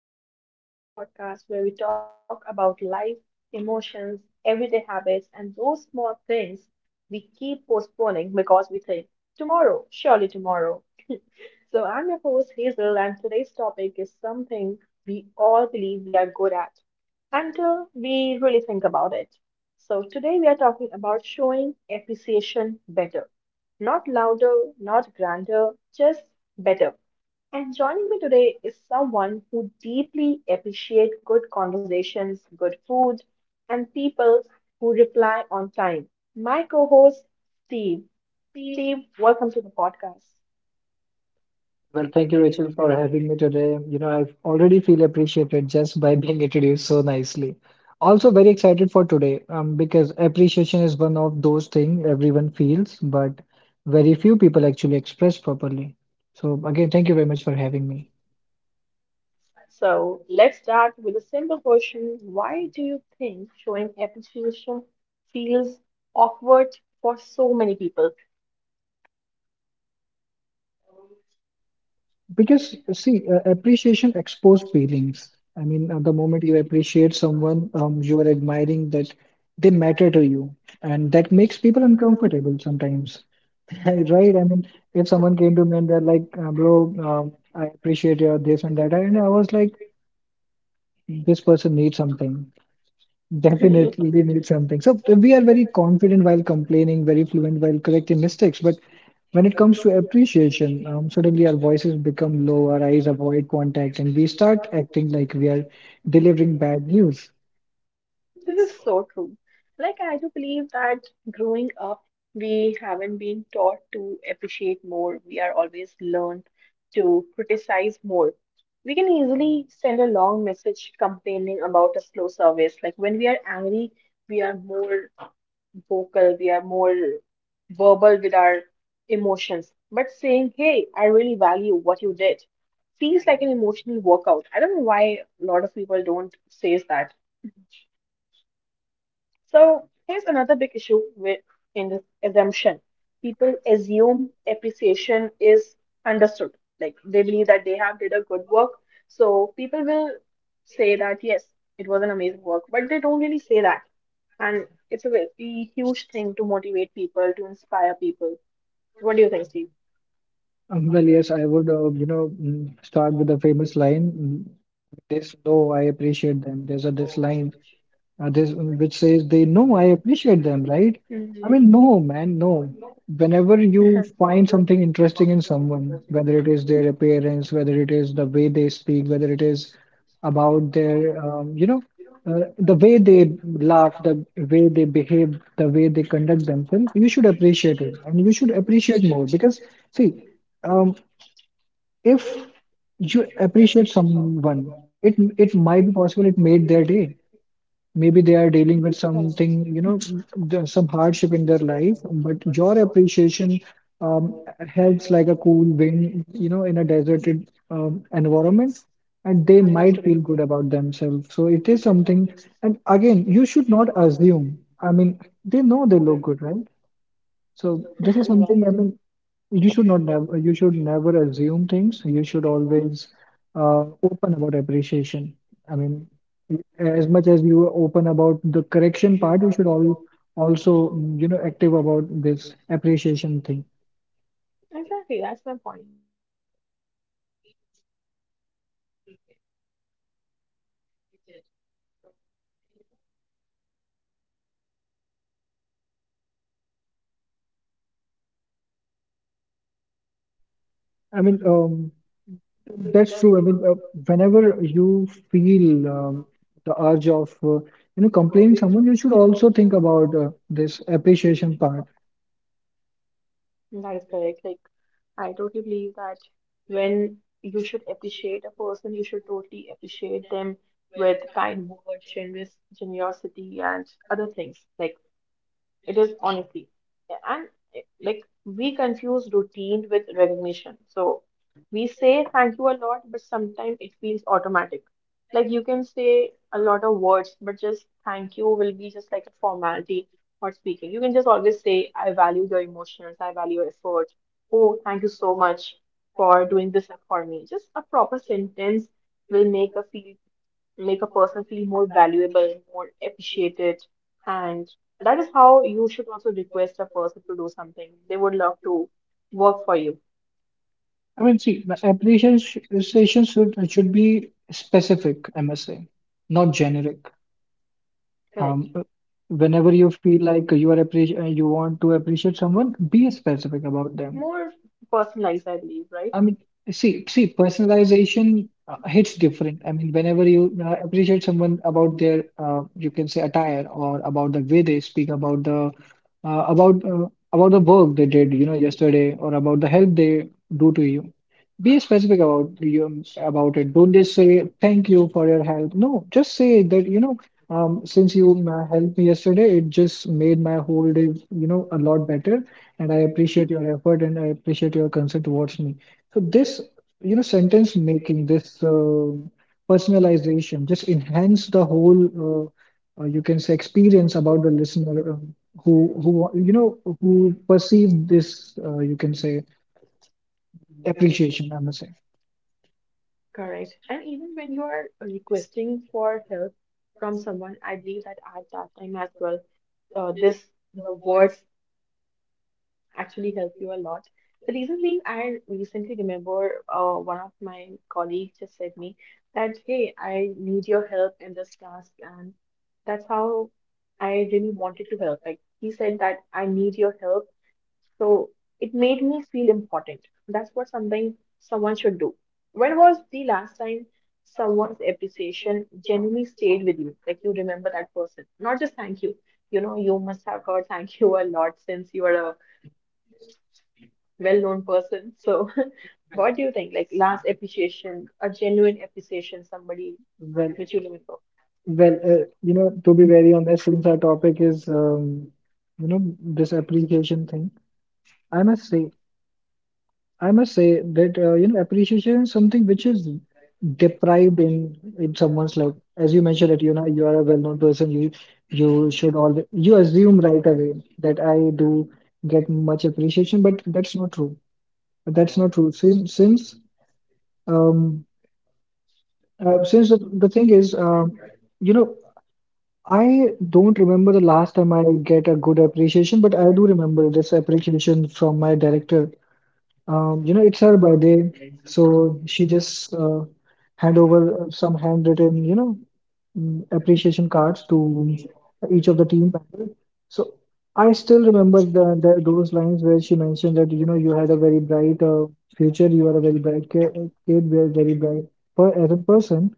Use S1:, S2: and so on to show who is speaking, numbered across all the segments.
S1: hello. Welcome back to the podcast where we talk about life, emotions, everyday habits, and those small things we keep postponing because we think tomorrow, surely tomorrow. So, I'm your host Hazel, and today's topic is something we all believe we are good at until we really think about it. So, today we are talking about showing appreciation better, not louder, not grander, just better. And joining me today is someone who deeply appreciates good conversations, good food, and people who reply on time. My co-host Steve. Steve, welcome to the podcast.
S2: Well, thank you, Rachel, for having me today. You know, I already feel appreciated just by being introduced so nicely. Also, very excited for today, because appreciation is one of those things everyone feels, but very few people actually express properly. So, again, thank you very much for having me.
S1: So let's start with a simple question. Why do you think showing appreciation feels awkward for so many people?
S2: Because, see, appreciation exposed feelings. I mean, at the moment you appreciate someone, you are admiring that they matter to you, and that makes people uncomfortable sometimes. Right? I mean, if someone came to me and they're like, bro, I appreciate your this and that, and I was like, this person needs something. Definitely needs something. So we are very confident while complaining, very fluent while correcting mistakes, but when it comes to appreciation, suddenly our voices become low, our eyes avoid contact, and we start acting like we are delivering bad news.
S1: This is so true. Like, I do believe that growing up, we haven't been taught to appreciate more. We are always learned to criticize more. We can easily send a long message complaining about a slow service. Like, when we are angry, we are more vocal, we are more verbal with our emotions. But saying, hey, I really value what you did feels like an emotional workout. I don't know why a lot of people don't say that. So here's another big issue with in this assumption. People assume appreciation is understood. Like they believe that they have did a good work. So people will say that yes, it was an amazing work, but they don't really say that. And it's a very huge thing to motivate people, to inspire people. What do you think, Steve?
S2: Well, yes, I would, you know, start with the famous line, this low, I appreciate them. There's a this line this which says they know I appreciate them, right? I mean, no, man, no.
S1: Mhm.
S2: Whenever you find something interesting in someone, whether it is their appearance, whether it is the way they speak, whether it is about their, you know, the way they laugh, the way they behave, the way they conduct themselves, you should appreciate it, and you should appreciate more because, see, um, if you appreciate someone, it might be possible it made their day, maybe they are dealing with something, you know, some hardship in their life, but your appreciation um, helps like a cool wind, you know, in a deserted environment, and they might feel good about themselves. So it is something, and again, you should not assume. I mean, they know they look good, right? So this is
S1: Right.
S2: something, I mean, you should never assume things. You should always open about appreciation. I mean, as much as you are open about the correction part, you should all also you know, active about this appreciation thing.
S1: Exactly, that's my point. Like, people do communicate when they are angry, when they are frustrated, when they are irritated. So they do.
S2: I mean, that's true. I mean, whenever you feel the urge of you know, complaining someone, you should also think about this appreciation part.
S1: That is correct. Like, I totally believe that when you should appreciate a person, you should totally appreciate them with kind words, generous generosity, and other things. Like, it is honestly, like we confuse routine with recognition. So we say thank you a lot, but sometimes it feels automatic. Like you can say a lot of words, but just thank you will be just like a formality for speaking. You can just always say, I value your emotions, I value your effort. Oh, thank you so much for doing this for me. Just a proper sentence will make a person feel more valuable, more appreciated. And that is how you should also request a person to do something. They would love to work for you.
S2: I mean, see, the appreciation should be specific, I must say, not generic.
S1: Correct.
S2: Um, uh, whenever you feel like you want to appreciate someone, be specific about them.
S1: More personalized, I believe, right?
S2: I mean, see, personalization hits different. I mean, whenever you appreciate someone about their, you can say, attire, or about the way they speak, about the uh, about uh, about the work they did, you know, yesterday, or about the help they do to you, be specific about you about it. Don't just say thank you for your help. No, just say that, you know, since you helped me yesterday, it just made my whole day, you know, a lot better, and I appreciate your effort and I appreciate your concern towards me. So this, you know, sentence making, this personalization, just enhance the whole, you can say, experience about the listener, who you know, who perceive this, you can say, appreciation. I must say.
S1: Correct. And even when you are requesting for help from someone, I believe that at that time as well, this the words actually help you a lot. The reason being, I recently remember one of my colleagues just said me that, hey, I need your help in this task. And that's how I really wanted to help. Like he said that I need your help. So it made me feel important. That's what something someone should do. When was the last time someone's appreciation genuinely stayed with you? Like you remember that person, not just thank you. You know, you must have heard thank you a lot since you were a well-known person. So, what do you think? Like last appreciation, a genuine appreciation, somebody
S2: Well,
S1: which you never know.
S2: well, you know, to be very honest, since our topic is, you know, this appreciation thing, I must say, I must say that, you know, appreciation is something which is deprived in someone's life. As you mentioned that, you know, you are a well-known person, you should always, you assume right away that I do get much appreciation, but that's not true. That's not true. Um since the thing is, you know, I don't remember the last time I get a good appreciation, but I do remember this appreciation from my director. You know, it's her birthday, so she just hand over some handwritten, you know, appreciation cards to each of the team members. So I still remember the those lines where she mentioned that, you know, you had a very bright future, you are a very bright kid, very bright per, as a person,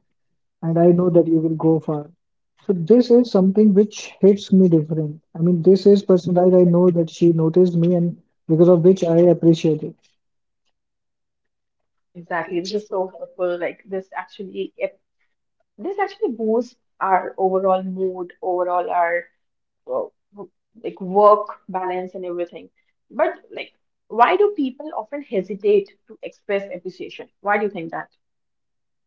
S2: and I know that you will go far. So this is something which hits me different. I mean, this is personalized. I know that she noticed me, and because of which I appreciate it.
S1: Exactly, it's just so helpful. Like this actually boosts our overall mood, overall our uh, like work balance and everything. But like, why do people often hesitate to express appreciation? Why do you think that?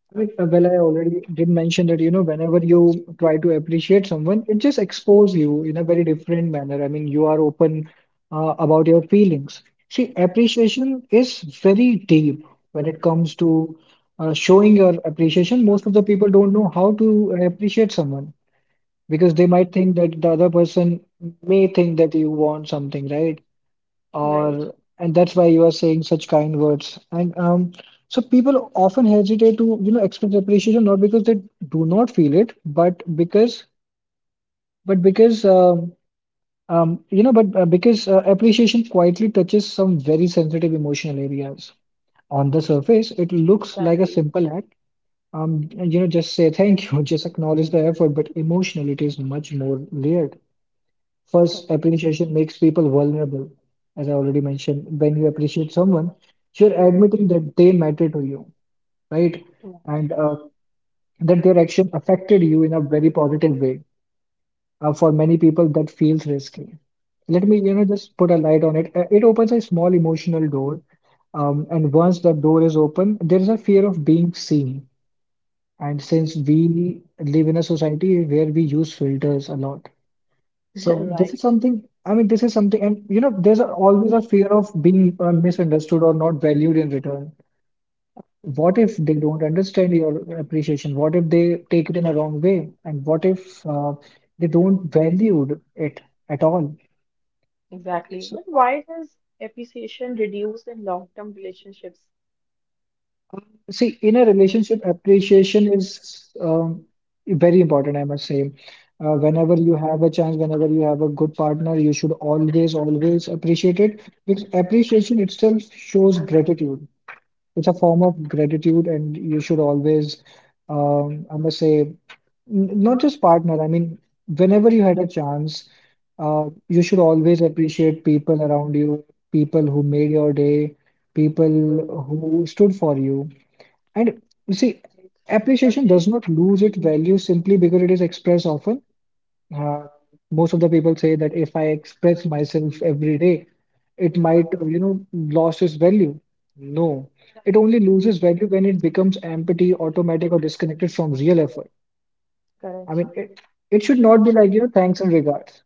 S2: I mean, well, I already did mention that, you know, whenever you try to appreciate someone, it just exposes you in a very different manner. I mean, you are open about your feelings. See, appreciation is very deep when it comes to showing your appreciation. Most of the people don't know how to appreciate someone, because they might think that the other person may think that you want something, right,
S1: Right.
S2: or and that's why you are saying such kind words, and so people often hesitate to, you know, express appreciation, not because they do not feel it, but because you know but because appreciation quietly touches some very sensitive emotional areas. On the surface it looks like a
S1: Exactly.
S2: simple act, um and, you know, just say thank you, just acknowledge the effort, but emotionally it is much more layered. First,
S1: Correct.
S2: appreciation makes people vulnerable. As I already mentioned, when you appreciate someone, you're admitting that they matter to you,
S1: Right.
S2: right? And that their action affected you in a very positive way. For many people, that feels risky. Let me, you know, just put a light on it. It opens a small emotional door. And once that door is open, there is a fear of being seen. And since we live in a society where we use filters a lot, so this
S1: Right.
S2: is something, I mean, this is something, and you know, there's a, always a fear of being misunderstood or not valued in return. What if they don't understand your appreciation? What if they take it in a wrong way? And what if they don't value it at all?
S1: Exactly.
S2: So,
S1: But why does appreciation reduce in long-term relationships?
S2: see, in a relationship, appreciation is very important, I must say. Whenever you have a chance, whenever you have a good partner, you should always, always appreciate it, because appreciation itself shows gratitude. It's a form of gratitude, and you should always, I must say, not just partner, I mean, whenever you had a chance, you should always appreciate people around you, people who made your day, people who stood for you. And you see, appreciation does not lose its value simply because it is expressed often. uh, most of the people say that if I express myself every day, it might, you know, lost its value. No, it only loses value when it becomes empty, automatic, or disconnected from real effort. I
S1: Correct.
S2: mean, it should not be like, you know, thanks and regards.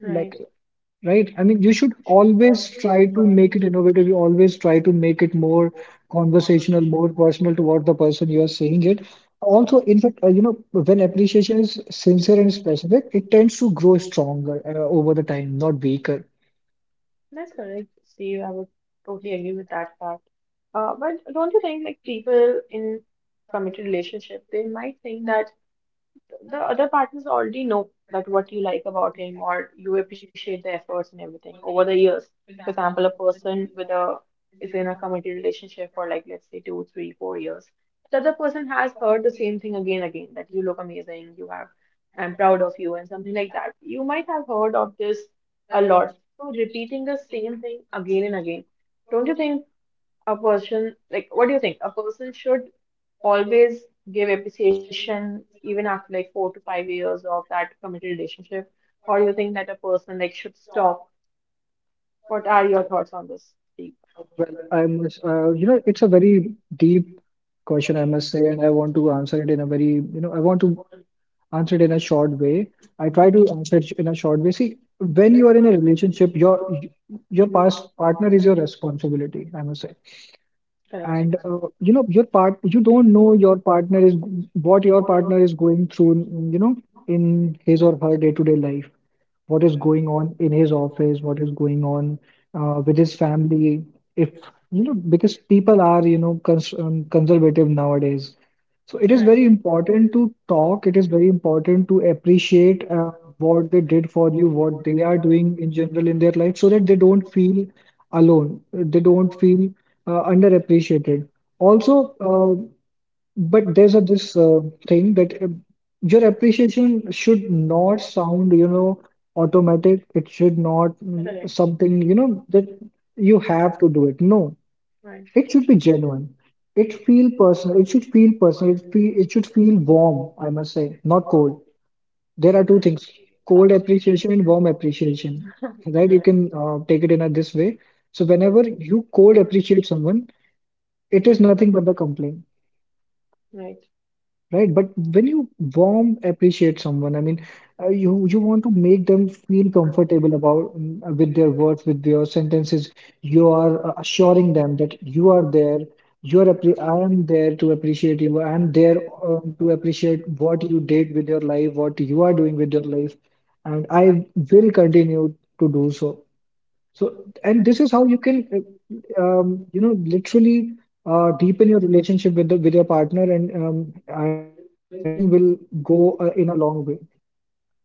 S2: Like,
S1: Right.
S2: right? I mean, you should always try to make it innovative. You always try to make it more conversational, more personal toward the person you are saying it. Also, in fact, you know, when appreciation is sincere and specific, it tends to grow stronger over the time, not weaker.
S1: That's correct, Steve. I would totally agree with that fact. But don't you think like people in committed relationship, they might think that the other partners already know that what you like about him or you appreciate the efforts and everything over the years. For example, a person with a is in a committed relationship for like let's say 2, 3, 4 years. The other person has heard the same thing again and again that you look amazing, you have I'm proud of you and something like that. You might have heard of this a lot. So repeating the same thing again and again. Don't you think, a person like what do you think a person should always give appreciation even after like 4 to 5 years of that committed relationship? Or you think that a person like should stop? What are your thoughts on this?
S2: Well, I must, you know, it's a very deep question, I must say, and I want to answer it in a very, you know, I want to answer it in a short way. I try to answer it in a short way. See, when you are in a relationship, your past partner is your responsibility, I must say.
S1: Correct,
S2: And
S1: correct,
S2: you know, your part, you don't know your partner is what your partner is going through, you know, in his or her day-to-day life, what is going on in his office, what is going on with his family. If you know, because people are, you know, conservative nowadays, so it is
S1: correct,
S2: very
S1: right, right,
S2: important to talk. It is very important to appreciate what they did for you, what they are doing in general in their life, so that they don't feel alone. They don't feel underappreciated. Also, but there's a this thing that your appreciation should not sound, you know, automatic. It should not
S1: correct,
S2: something, you know, that you have to do it. No, it should be genuine. It feel personal. It should feel personal. It feel, it should feel warm, I must say, not cold. There are two things, cold appreciation and warm appreciation, right? You can take it in a this way. So whenever you cold appreciate someone, it is nothing but the complaint. Right, but when you warm appreciate someone, I mean, you want to make them feel comfortable about, with their words, with their sentences. You are assuring them that you are there. You are appre I am there to appreciate you. I am there to appreciate what you did with your life, what you are doing with your life, and I will continue to do so. So, and this is how you can literally deepen your relationship with with your partner, and this thing will go in a long way.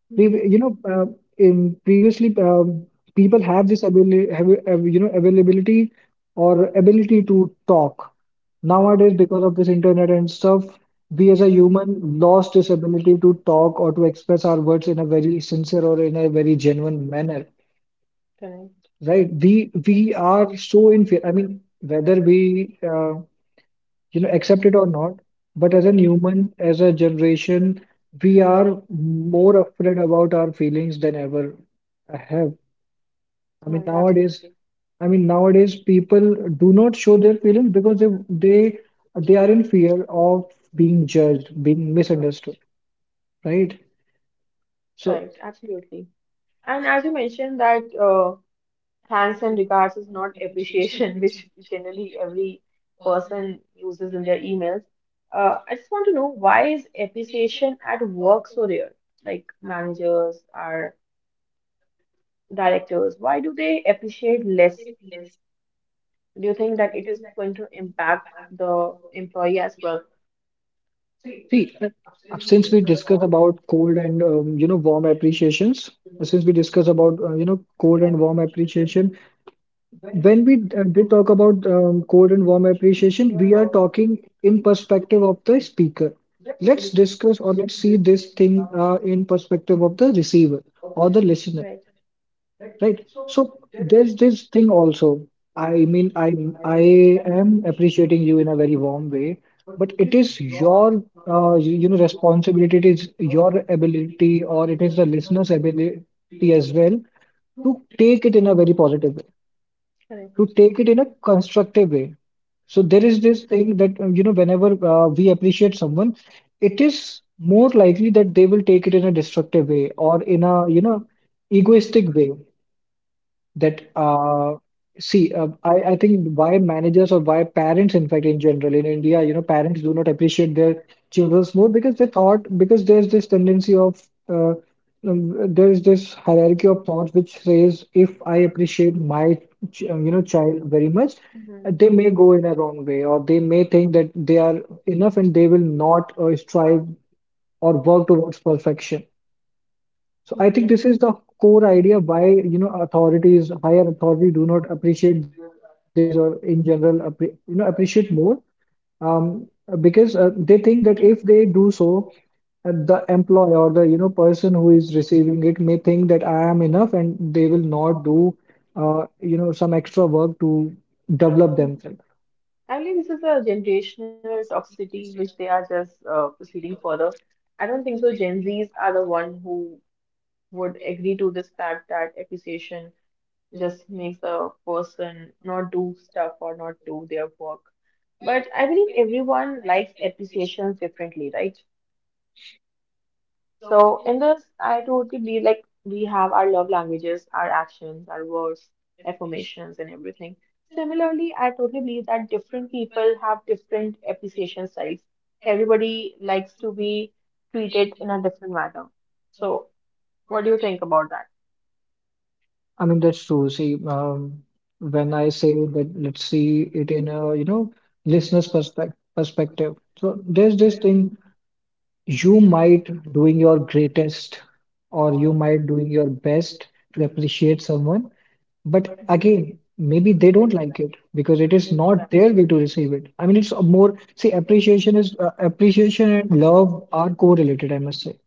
S2: Pre- you know, in Previously, people have this ability, availability or ability to talk. Nowadays, because of this internet and stuff, we as a human lost this ability to talk or to express our words in a very sincere or in a very genuine manner, right? We are so in fear. I mean, whether we accept it or not. But as a human, as a generation, we are more afraid about our feelings than ever I have. I mean,
S1: right, absolutely.
S2: nowadays, I mean, nowadays people do not show their feelings because they are
S1: Right,
S2: in fear of being judged, being misunderstood, right?
S1: right,
S2: So,
S1: absolutely. And as you mentioned that thanks and regards is not appreciation, which generally every person uses in their emails. I just want to know why is appreciation at work so rare? Like managers or directors, why do they appreciate less? Do you think that it is going to impact the employee as well?
S2: see, since we discuss about cold and warm appreciations, since we discuss about you know cold and warm appreciation, when we did talk about cold and warm appreciation, we are talking in perspective of the speaker. Let's discuss or let's see this thing in perspective of the receiver or the listener,
S1: Right,
S2: right? So there's this thing also. I mean, I am appreciating you in a very warm way, but it is your you know responsibility. It is your ability, or it is the listener's ability as well to take it in a very positive way,
S1: correct.
S2: to take it in a constructive way. So there is this thing that you know whenever we appreciate someone, it is more likely that they will take it in a destructive way or in a you know egoistic way. That uh, see uh, I, I think why managers or why parents in fact in general in India you know parents do not appreciate their children's more because they thought because there's this tendency of uh, there is this hierarchy of thought which says if I appreciate my you know child very much, they
S1: They
S2: may go in a wrong way or they may think that they are enough and they will not strive or work towards perfection. So I think this is the core idea why, you know, authorities, higher authority do not appreciate their employees or in general, appre you know, appreciate more, um, because they think that if they do so, the employee or the, you know, person who is receiving it may think that I am enough and they will not do, you know, some extra work to develop
S1: Hmm.
S2: themselves.
S1: I believe this is a generational toxicity which they are just proceeding further. I don't think so. Gen Zs are the one who would agree to this fact that appreciation just makes a person not do stuff or not do their work. But I believe everyone likes appreciations differently, right? So in this, I totally believe like we have our love languages, our actions, our words, affirmations, and everything. Similarly, I totally believe that different people have different appreciation styles. Everybody likes to be treated in a different manner. So what do you think about
S2: I mean, that's true. See, when I say that, let's see it in a, you know, listener's perspective. So there's this thing. You might doing your greatest or you might doing your best to appreciate someone, but again, maybe they don't like it because it is not their way to receive it. I mean, it's a more, see, appreciation and love are correlated, I must say.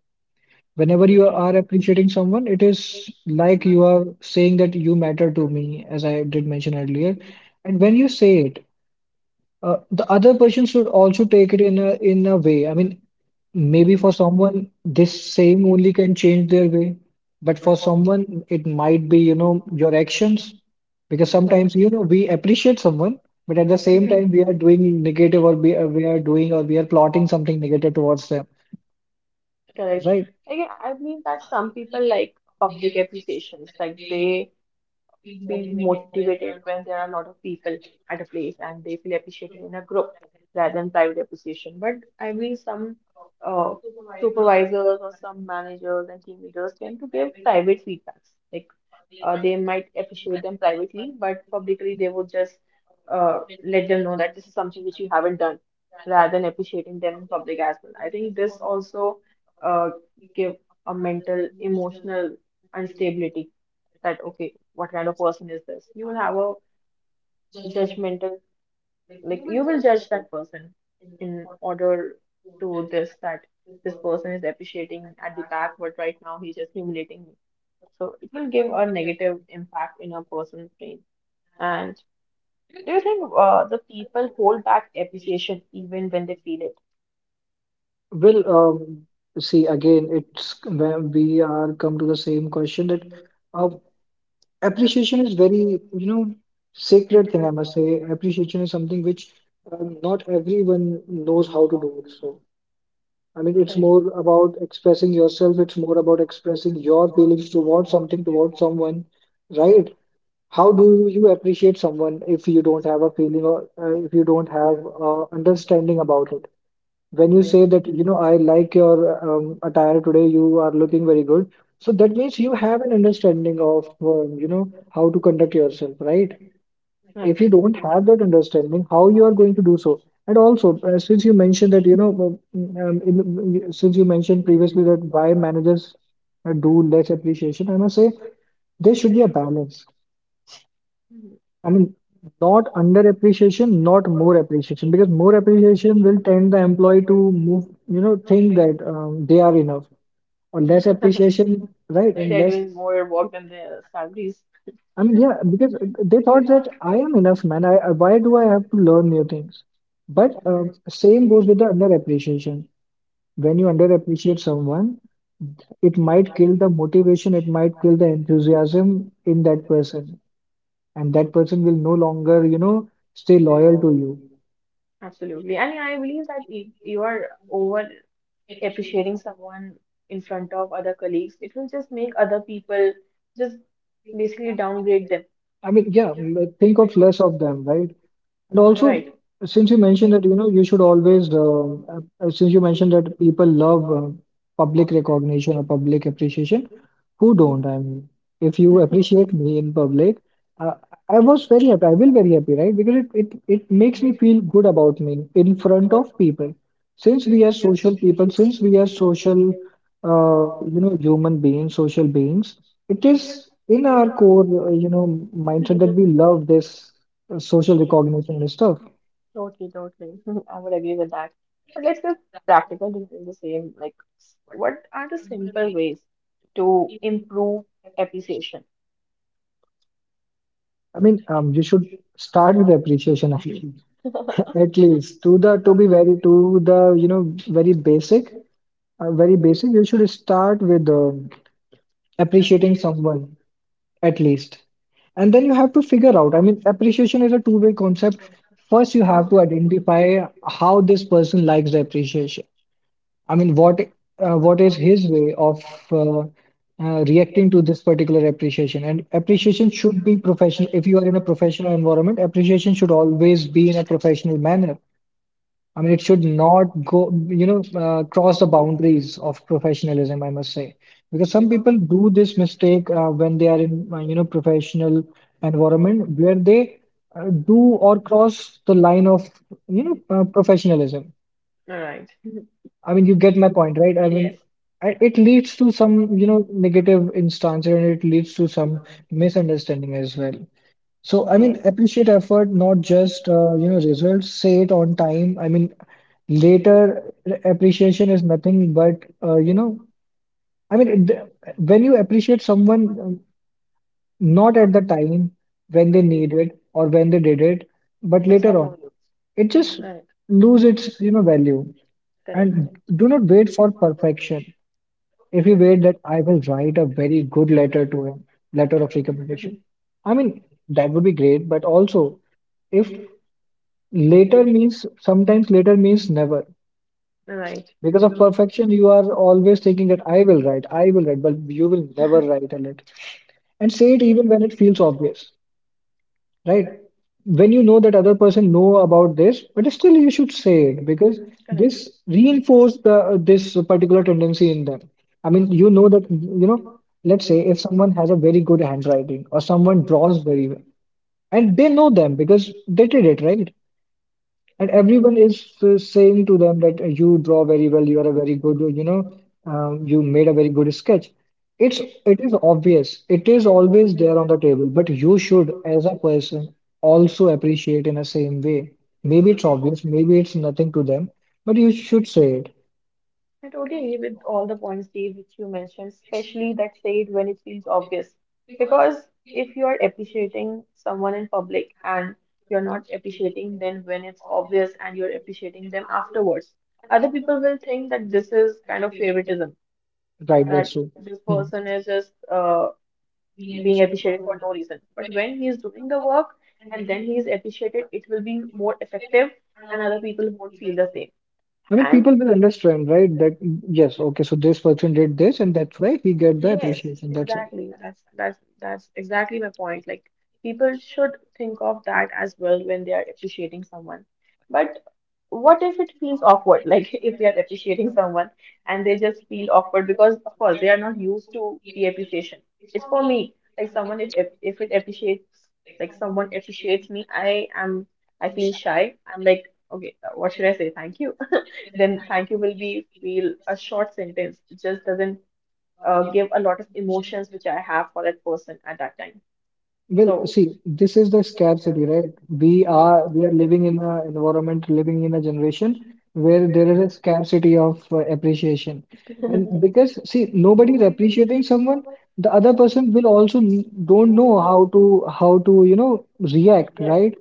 S2: Whenever you
S1: that?
S2: are appreciating someone, it is like you are saying that you matter to me, as I did mention earlier. And when you say it, the other person should also take it in a way. I mean, maybe for someone, this saying only can change their way. But for someone, it might be, you know, your actions. Because sometimes, you know, we appreciate someone, but at the same time, we are doing negative or we are doing or we are plotting something negative
S1: that?
S2: towards them.
S1: Correct.
S2: Right.
S1: Right? Like, I mean that some people like public appreciations, like they feel motivated when there are a lot of people at a place and they feel appreciated in a group rather than private appreciation. But I mean, some uh, supervisors or some managers and team leaders tend to give private feedbacks. Like they might appreciate them privately, but publicly they would just let them know that this is something which you haven't done rather than appreciating them in public as well. I think this also uh, give a mental, emotional instability that, okay, what kind of person is this? You will have a judgmental, like you will judge that person in order to this that this person is appreciating at the back, but right now he's just humiliating me. So it will give a negative impact in a person's brain. And do you think the people hold back appreciation even when they feel it?
S2: Well, see, again, it's when we are come to the same question that uh, appreciation is very, you know, sacred thing, I must say. Appreciation is something which not everyone knows how to do. So I mean, it's
S1: Correct.
S2: more about expressing yourself. It's more about expressing your feelings towards something, towards someone, right? How do you appreciate someone if you don't have a feeling or if you don't have understanding about it? When you say that, you know, I like your attire today, you are looking very good. So that means you have an understanding of, you know, how to conduct yourself, right?
S1: Right.
S2: If you don't have that understanding, how you are going to do so? And also since you mentioned that since you mentioned previously that why managers do less appreciation, I must say there should be a balance.
S1: Mhm.
S2: I mean, not under appreciation, not more appreciation, because more appreciation will tend the employee to move, you know, think that they are enough, or less appreciation, right? And
S1: They're
S2: less.
S1: doing more work than their salaries.
S2: I mean, yeah, because they thought that I am enough, man. I why do I have to learn new things? But same goes with the underappreciation. When you underappreciate someone, it might kill the motivation, it might kill the enthusiasm in that person, and that person will no longer, you know, stay loyal to you.
S1: Absolutely. And I believe that if you are over appreciating someone in front of other colleagues, it will just make other people just basically downgrade them,
S2: I mean, yeah, think of less of them, right? And also,
S1: right?
S2: since you mentioned that, you know, you should always, since you mentioned that people love public recognition or public appreciation, who don't? I mean, if you appreciate me in public, uh, I was very happy. I will very happy, right? Because it makes me feel good about me in front of people. Since we are social people, since we are social, uh, you know, human beings, social beings, it is in our core, you know, mindset that we love this social recognition and stuff.
S1: Totally, totally. I would agree with that. But let's get practical regarding the same. Like, what are the simple ways to improve appreciation?
S2: I mean, you should start with appreciation at least, at least to the to be very to the you know very basic. Very basic, you should start with appreciating someone at least. And then you have to figure out. I mean, appreciation is a two-way concept. First, you have to identify how this person likes the appreciation. I mean, what is his way of uh, reacting to this particular appreciation? And appreciation should be professional. If you are in a professional environment, appreciation should always be in a professional manner. I mean, it should not go, you know, cross the boundaries of professionalism, I must say. Because some people do this mistake when they are in, you know, professional environment where they do or cross the line of, you know, professionalism.
S1: Right.
S2: I mean, you get my point, right? I mean,
S1: Yes.
S2: it leads to some, you know, negative instances and it leads to some misunderstanding as well. So,
S1: So,
S2: I mean,
S1: yes.
S2: appreciate effort, not just you know results. Say it on time. I mean, later appreciation is nothing but you know. I mean, it, when you appreciate someone not at the time when they need it or when they did it, but later on, it just
S1: Right.
S2: lose its you know value.
S1: Correct.
S2: And
S1: Correct.
S2: do not wait for perfection. If you wait that I will write a very good letter to him, letter of recommendation. I mean, that would be great, but also if. Later means sometimes later means never.
S1: Right.
S2: Because of perfection, you are always thinking that I will write, but you will never write a letter. And say it even when it feels obvious, right? When you know that other person know about this, but still you should say it because this
S1: Correct.
S2: reinforce the this particular tendency in them. I mean, you know that you know. Let's say if someone has a very good handwriting or someone draws very well, and they know them because they did it, right? And everyone
S1: Right.
S2: is saying to them that you draw very well, you are a very good, you know, you made a very good sketch. It is obvious. It is always there on the table, but you should, as a person, also appreciate in the same way. Maybe it's obvious, maybe it's nothing to them, but you should say it.
S1: I totally agree with all the points, Dave, which you mentioned, especially that said when it feels obvious. Because if you are appreciating someone in public and you're not appreciating them when it's obvious and you're appreciating them afterwards, other people will think that this is kind of favoritism,
S2: Right,
S1: that,
S2: that's
S1: right,
S2: true.
S1: this person
S2: Hmm.
S1: is just being appreciated for no reason. But when he's doing the work and then he's appreciated, it will be more effective and other people won't feel the same.
S2: I mean, people
S1: And
S2: will understand, right? That yes, okay, so this person did this, and that's why he get the
S1: yes,
S2: appreciation. That's all.
S1: exactly. That's exactly my point. Like people should think of that as well when they are appreciating someone. But what if it feels awkward? Like if they are appreciating someone and they just feel awkward because of course they are not used to the appreciation. It's for me. Like someone if it appreciates like someone appreciates me, I feel shy. I'm like, okay, what should I say? Thank you. Then thank you will be feel a short sentence. It just doesn't give a lot of emotions which I have for that person at that time.
S2: Well,
S1: So,
S2: see, this is the scarcity, right? We are living in a environment, living in a generation where there is a scarcity of appreciation. And because see, nobody is appreciating someone, the other person will also don't know how to you know react, right?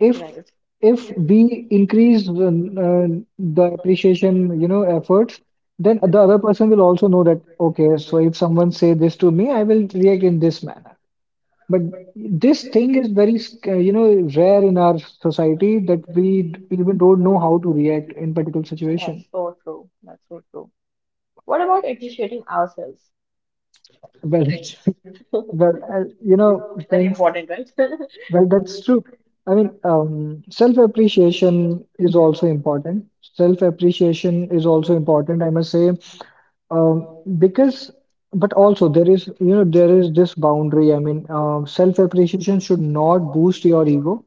S2: If
S1: right,
S2: if we increase the appreciation, efforts, then the other person will also know that okay, so if someone say this to me, I will react in this manner. But this thing is very, rare in our society that we even don't know how to react in particular situation.
S1: that's so true. That's so true. What about appreciating ourselves?
S2: Well, it's, well,
S1: Very important, right?
S2: well, that's true. I mean, self-appreciation is also important. Self-appreciation is also important, I must say, um, because, but also there is, you know, there is this boundary. I mean, self-appreciation should not boost your ego.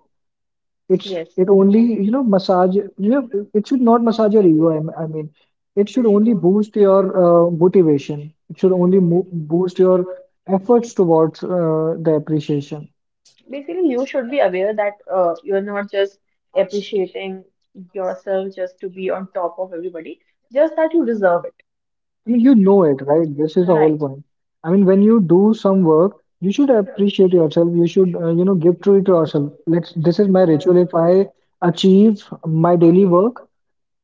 S2: It's
S1: Yes.
S2: it only, you know, massage, you know it, should not massage your ego. I mean it should only boost your motivation. It should only mo boost your efforts towards the appreciation.
S1: Basically, you should be aware that you're not just appreciating yourself just to be on top of everybody, just that you deserve it.
S2: I mean you know it, right? This is the whole
S1: Right.
S2: point. I mean when you do some work you should appreciate yourself. You should, you know, give to it yourself. Let's this is my ritual, if I achieve my daily work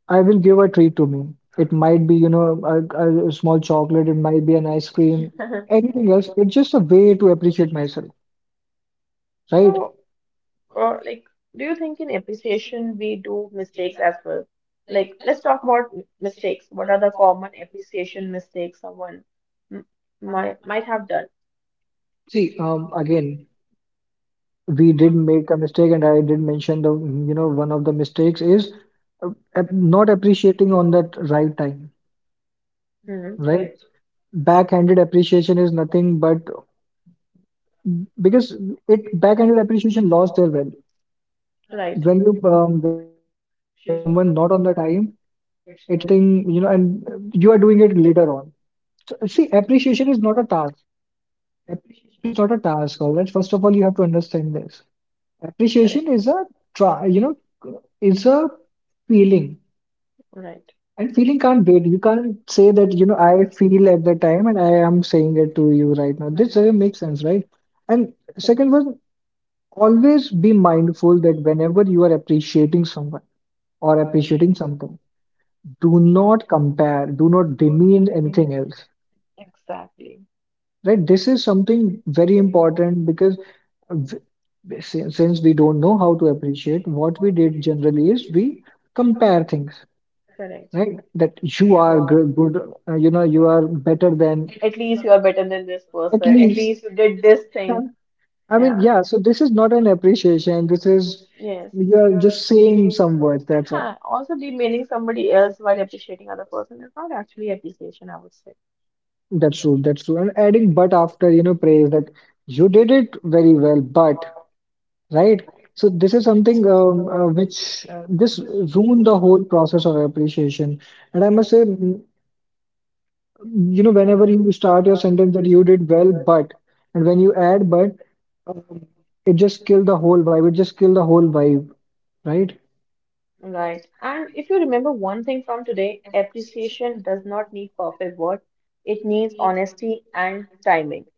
S2: I will give a treat to me. It might be, you know, a small chocolate, it might be an ice cream, anything else. It's just a way to appreciate myself, right?
S1: So, Or like, do you think in appreciation we do mistakes as well? Like, let's talk about mistakes. What are the common appreciation mistakes someone m- might have done?
S2: See, again, we did make a mistake, and I did mention the, you know, one of the mistakes is uh, not appreciating on that right time,
S1: Hmm.
S2: right?
S1: Correct.
S2: Backhanded appreciation is nothing but because it backhanded appreciation lost their value.
S1: Right.
S2: When you
S1: Correct.
S2: when you appreciate someone not on the time, it's nothing, you know, and you are doing it later on. So, see, appreciation is not a task. Appreciation is not a task. All right, first of all you have to understand this. Appreciation is a try, you know, is a feeling. And feeling can't wait. You can't say that, you know, I feel at the time and I am saying it to you right now. This
S1: Right.
S2: doesn't make
S1: Right.
S2: sense, right? And
S1: Correct.
S2: second one, always be mindful that whenever you are appreciating someone or appreciating something, do not compare, do not demean anything else,
S1: Exactly.
S2: right? This is something very important because, v- since, we don't know how to appreciate, what we did generally is we compare things,
S1: Correct.
S2: right? That you are good, good, you know, you are better than
S1: At least you are better than this
S2: at
S1: person. At
S2: least.
S1: least you did this thing.
S2: Um, I mean,
S1: Yeah.
S2: yeah, so this is not an appreciation. This is,
S1: Yes. Yeah.
S2: you're just saying some words, that's all.
S1: Also, demeaning somebody else while appreciating other person is not actually appreciation, I would say.
S2: That's true. That's true. And adding but after, you know, praise that you did it very well, but, right? So this is
S1: Right.
S2: something which this ruined the whole process of appreciation. And I must say, you know, whenever you start your sentence that you did well, but, and when you add but, um, it just killed the whole vibe. It just killed the whole vibe, right?
S1: Right. And if you remember one thing from today, appreciation does not need perfect words. It needs honesty and timing.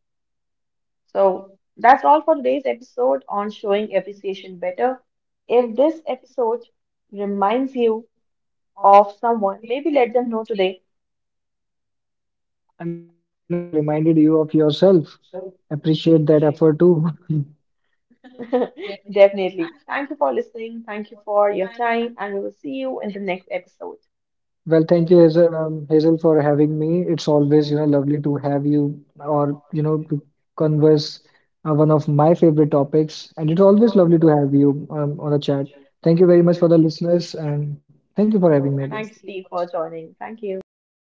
S1: So that's all for today's episode on showing appreciation better. If this episode reminds you of someone, maybe let them know today.
S2: I mean, and if it reminded you of yourself, appreciate that effort too.
S1: Definitely. Thank you for listening. Thank you for your time, and we will see you in the next episode.
S2: Well, thank you, Hazel, for having me. It's always, you know, lovely to have you or, you know, to converse one of my favorite topics. And it's always lovely to have you on the chat. Thank you very much for the listeners and thank you for having me again.
S1: Thank you, Steve, for joining. Thank you.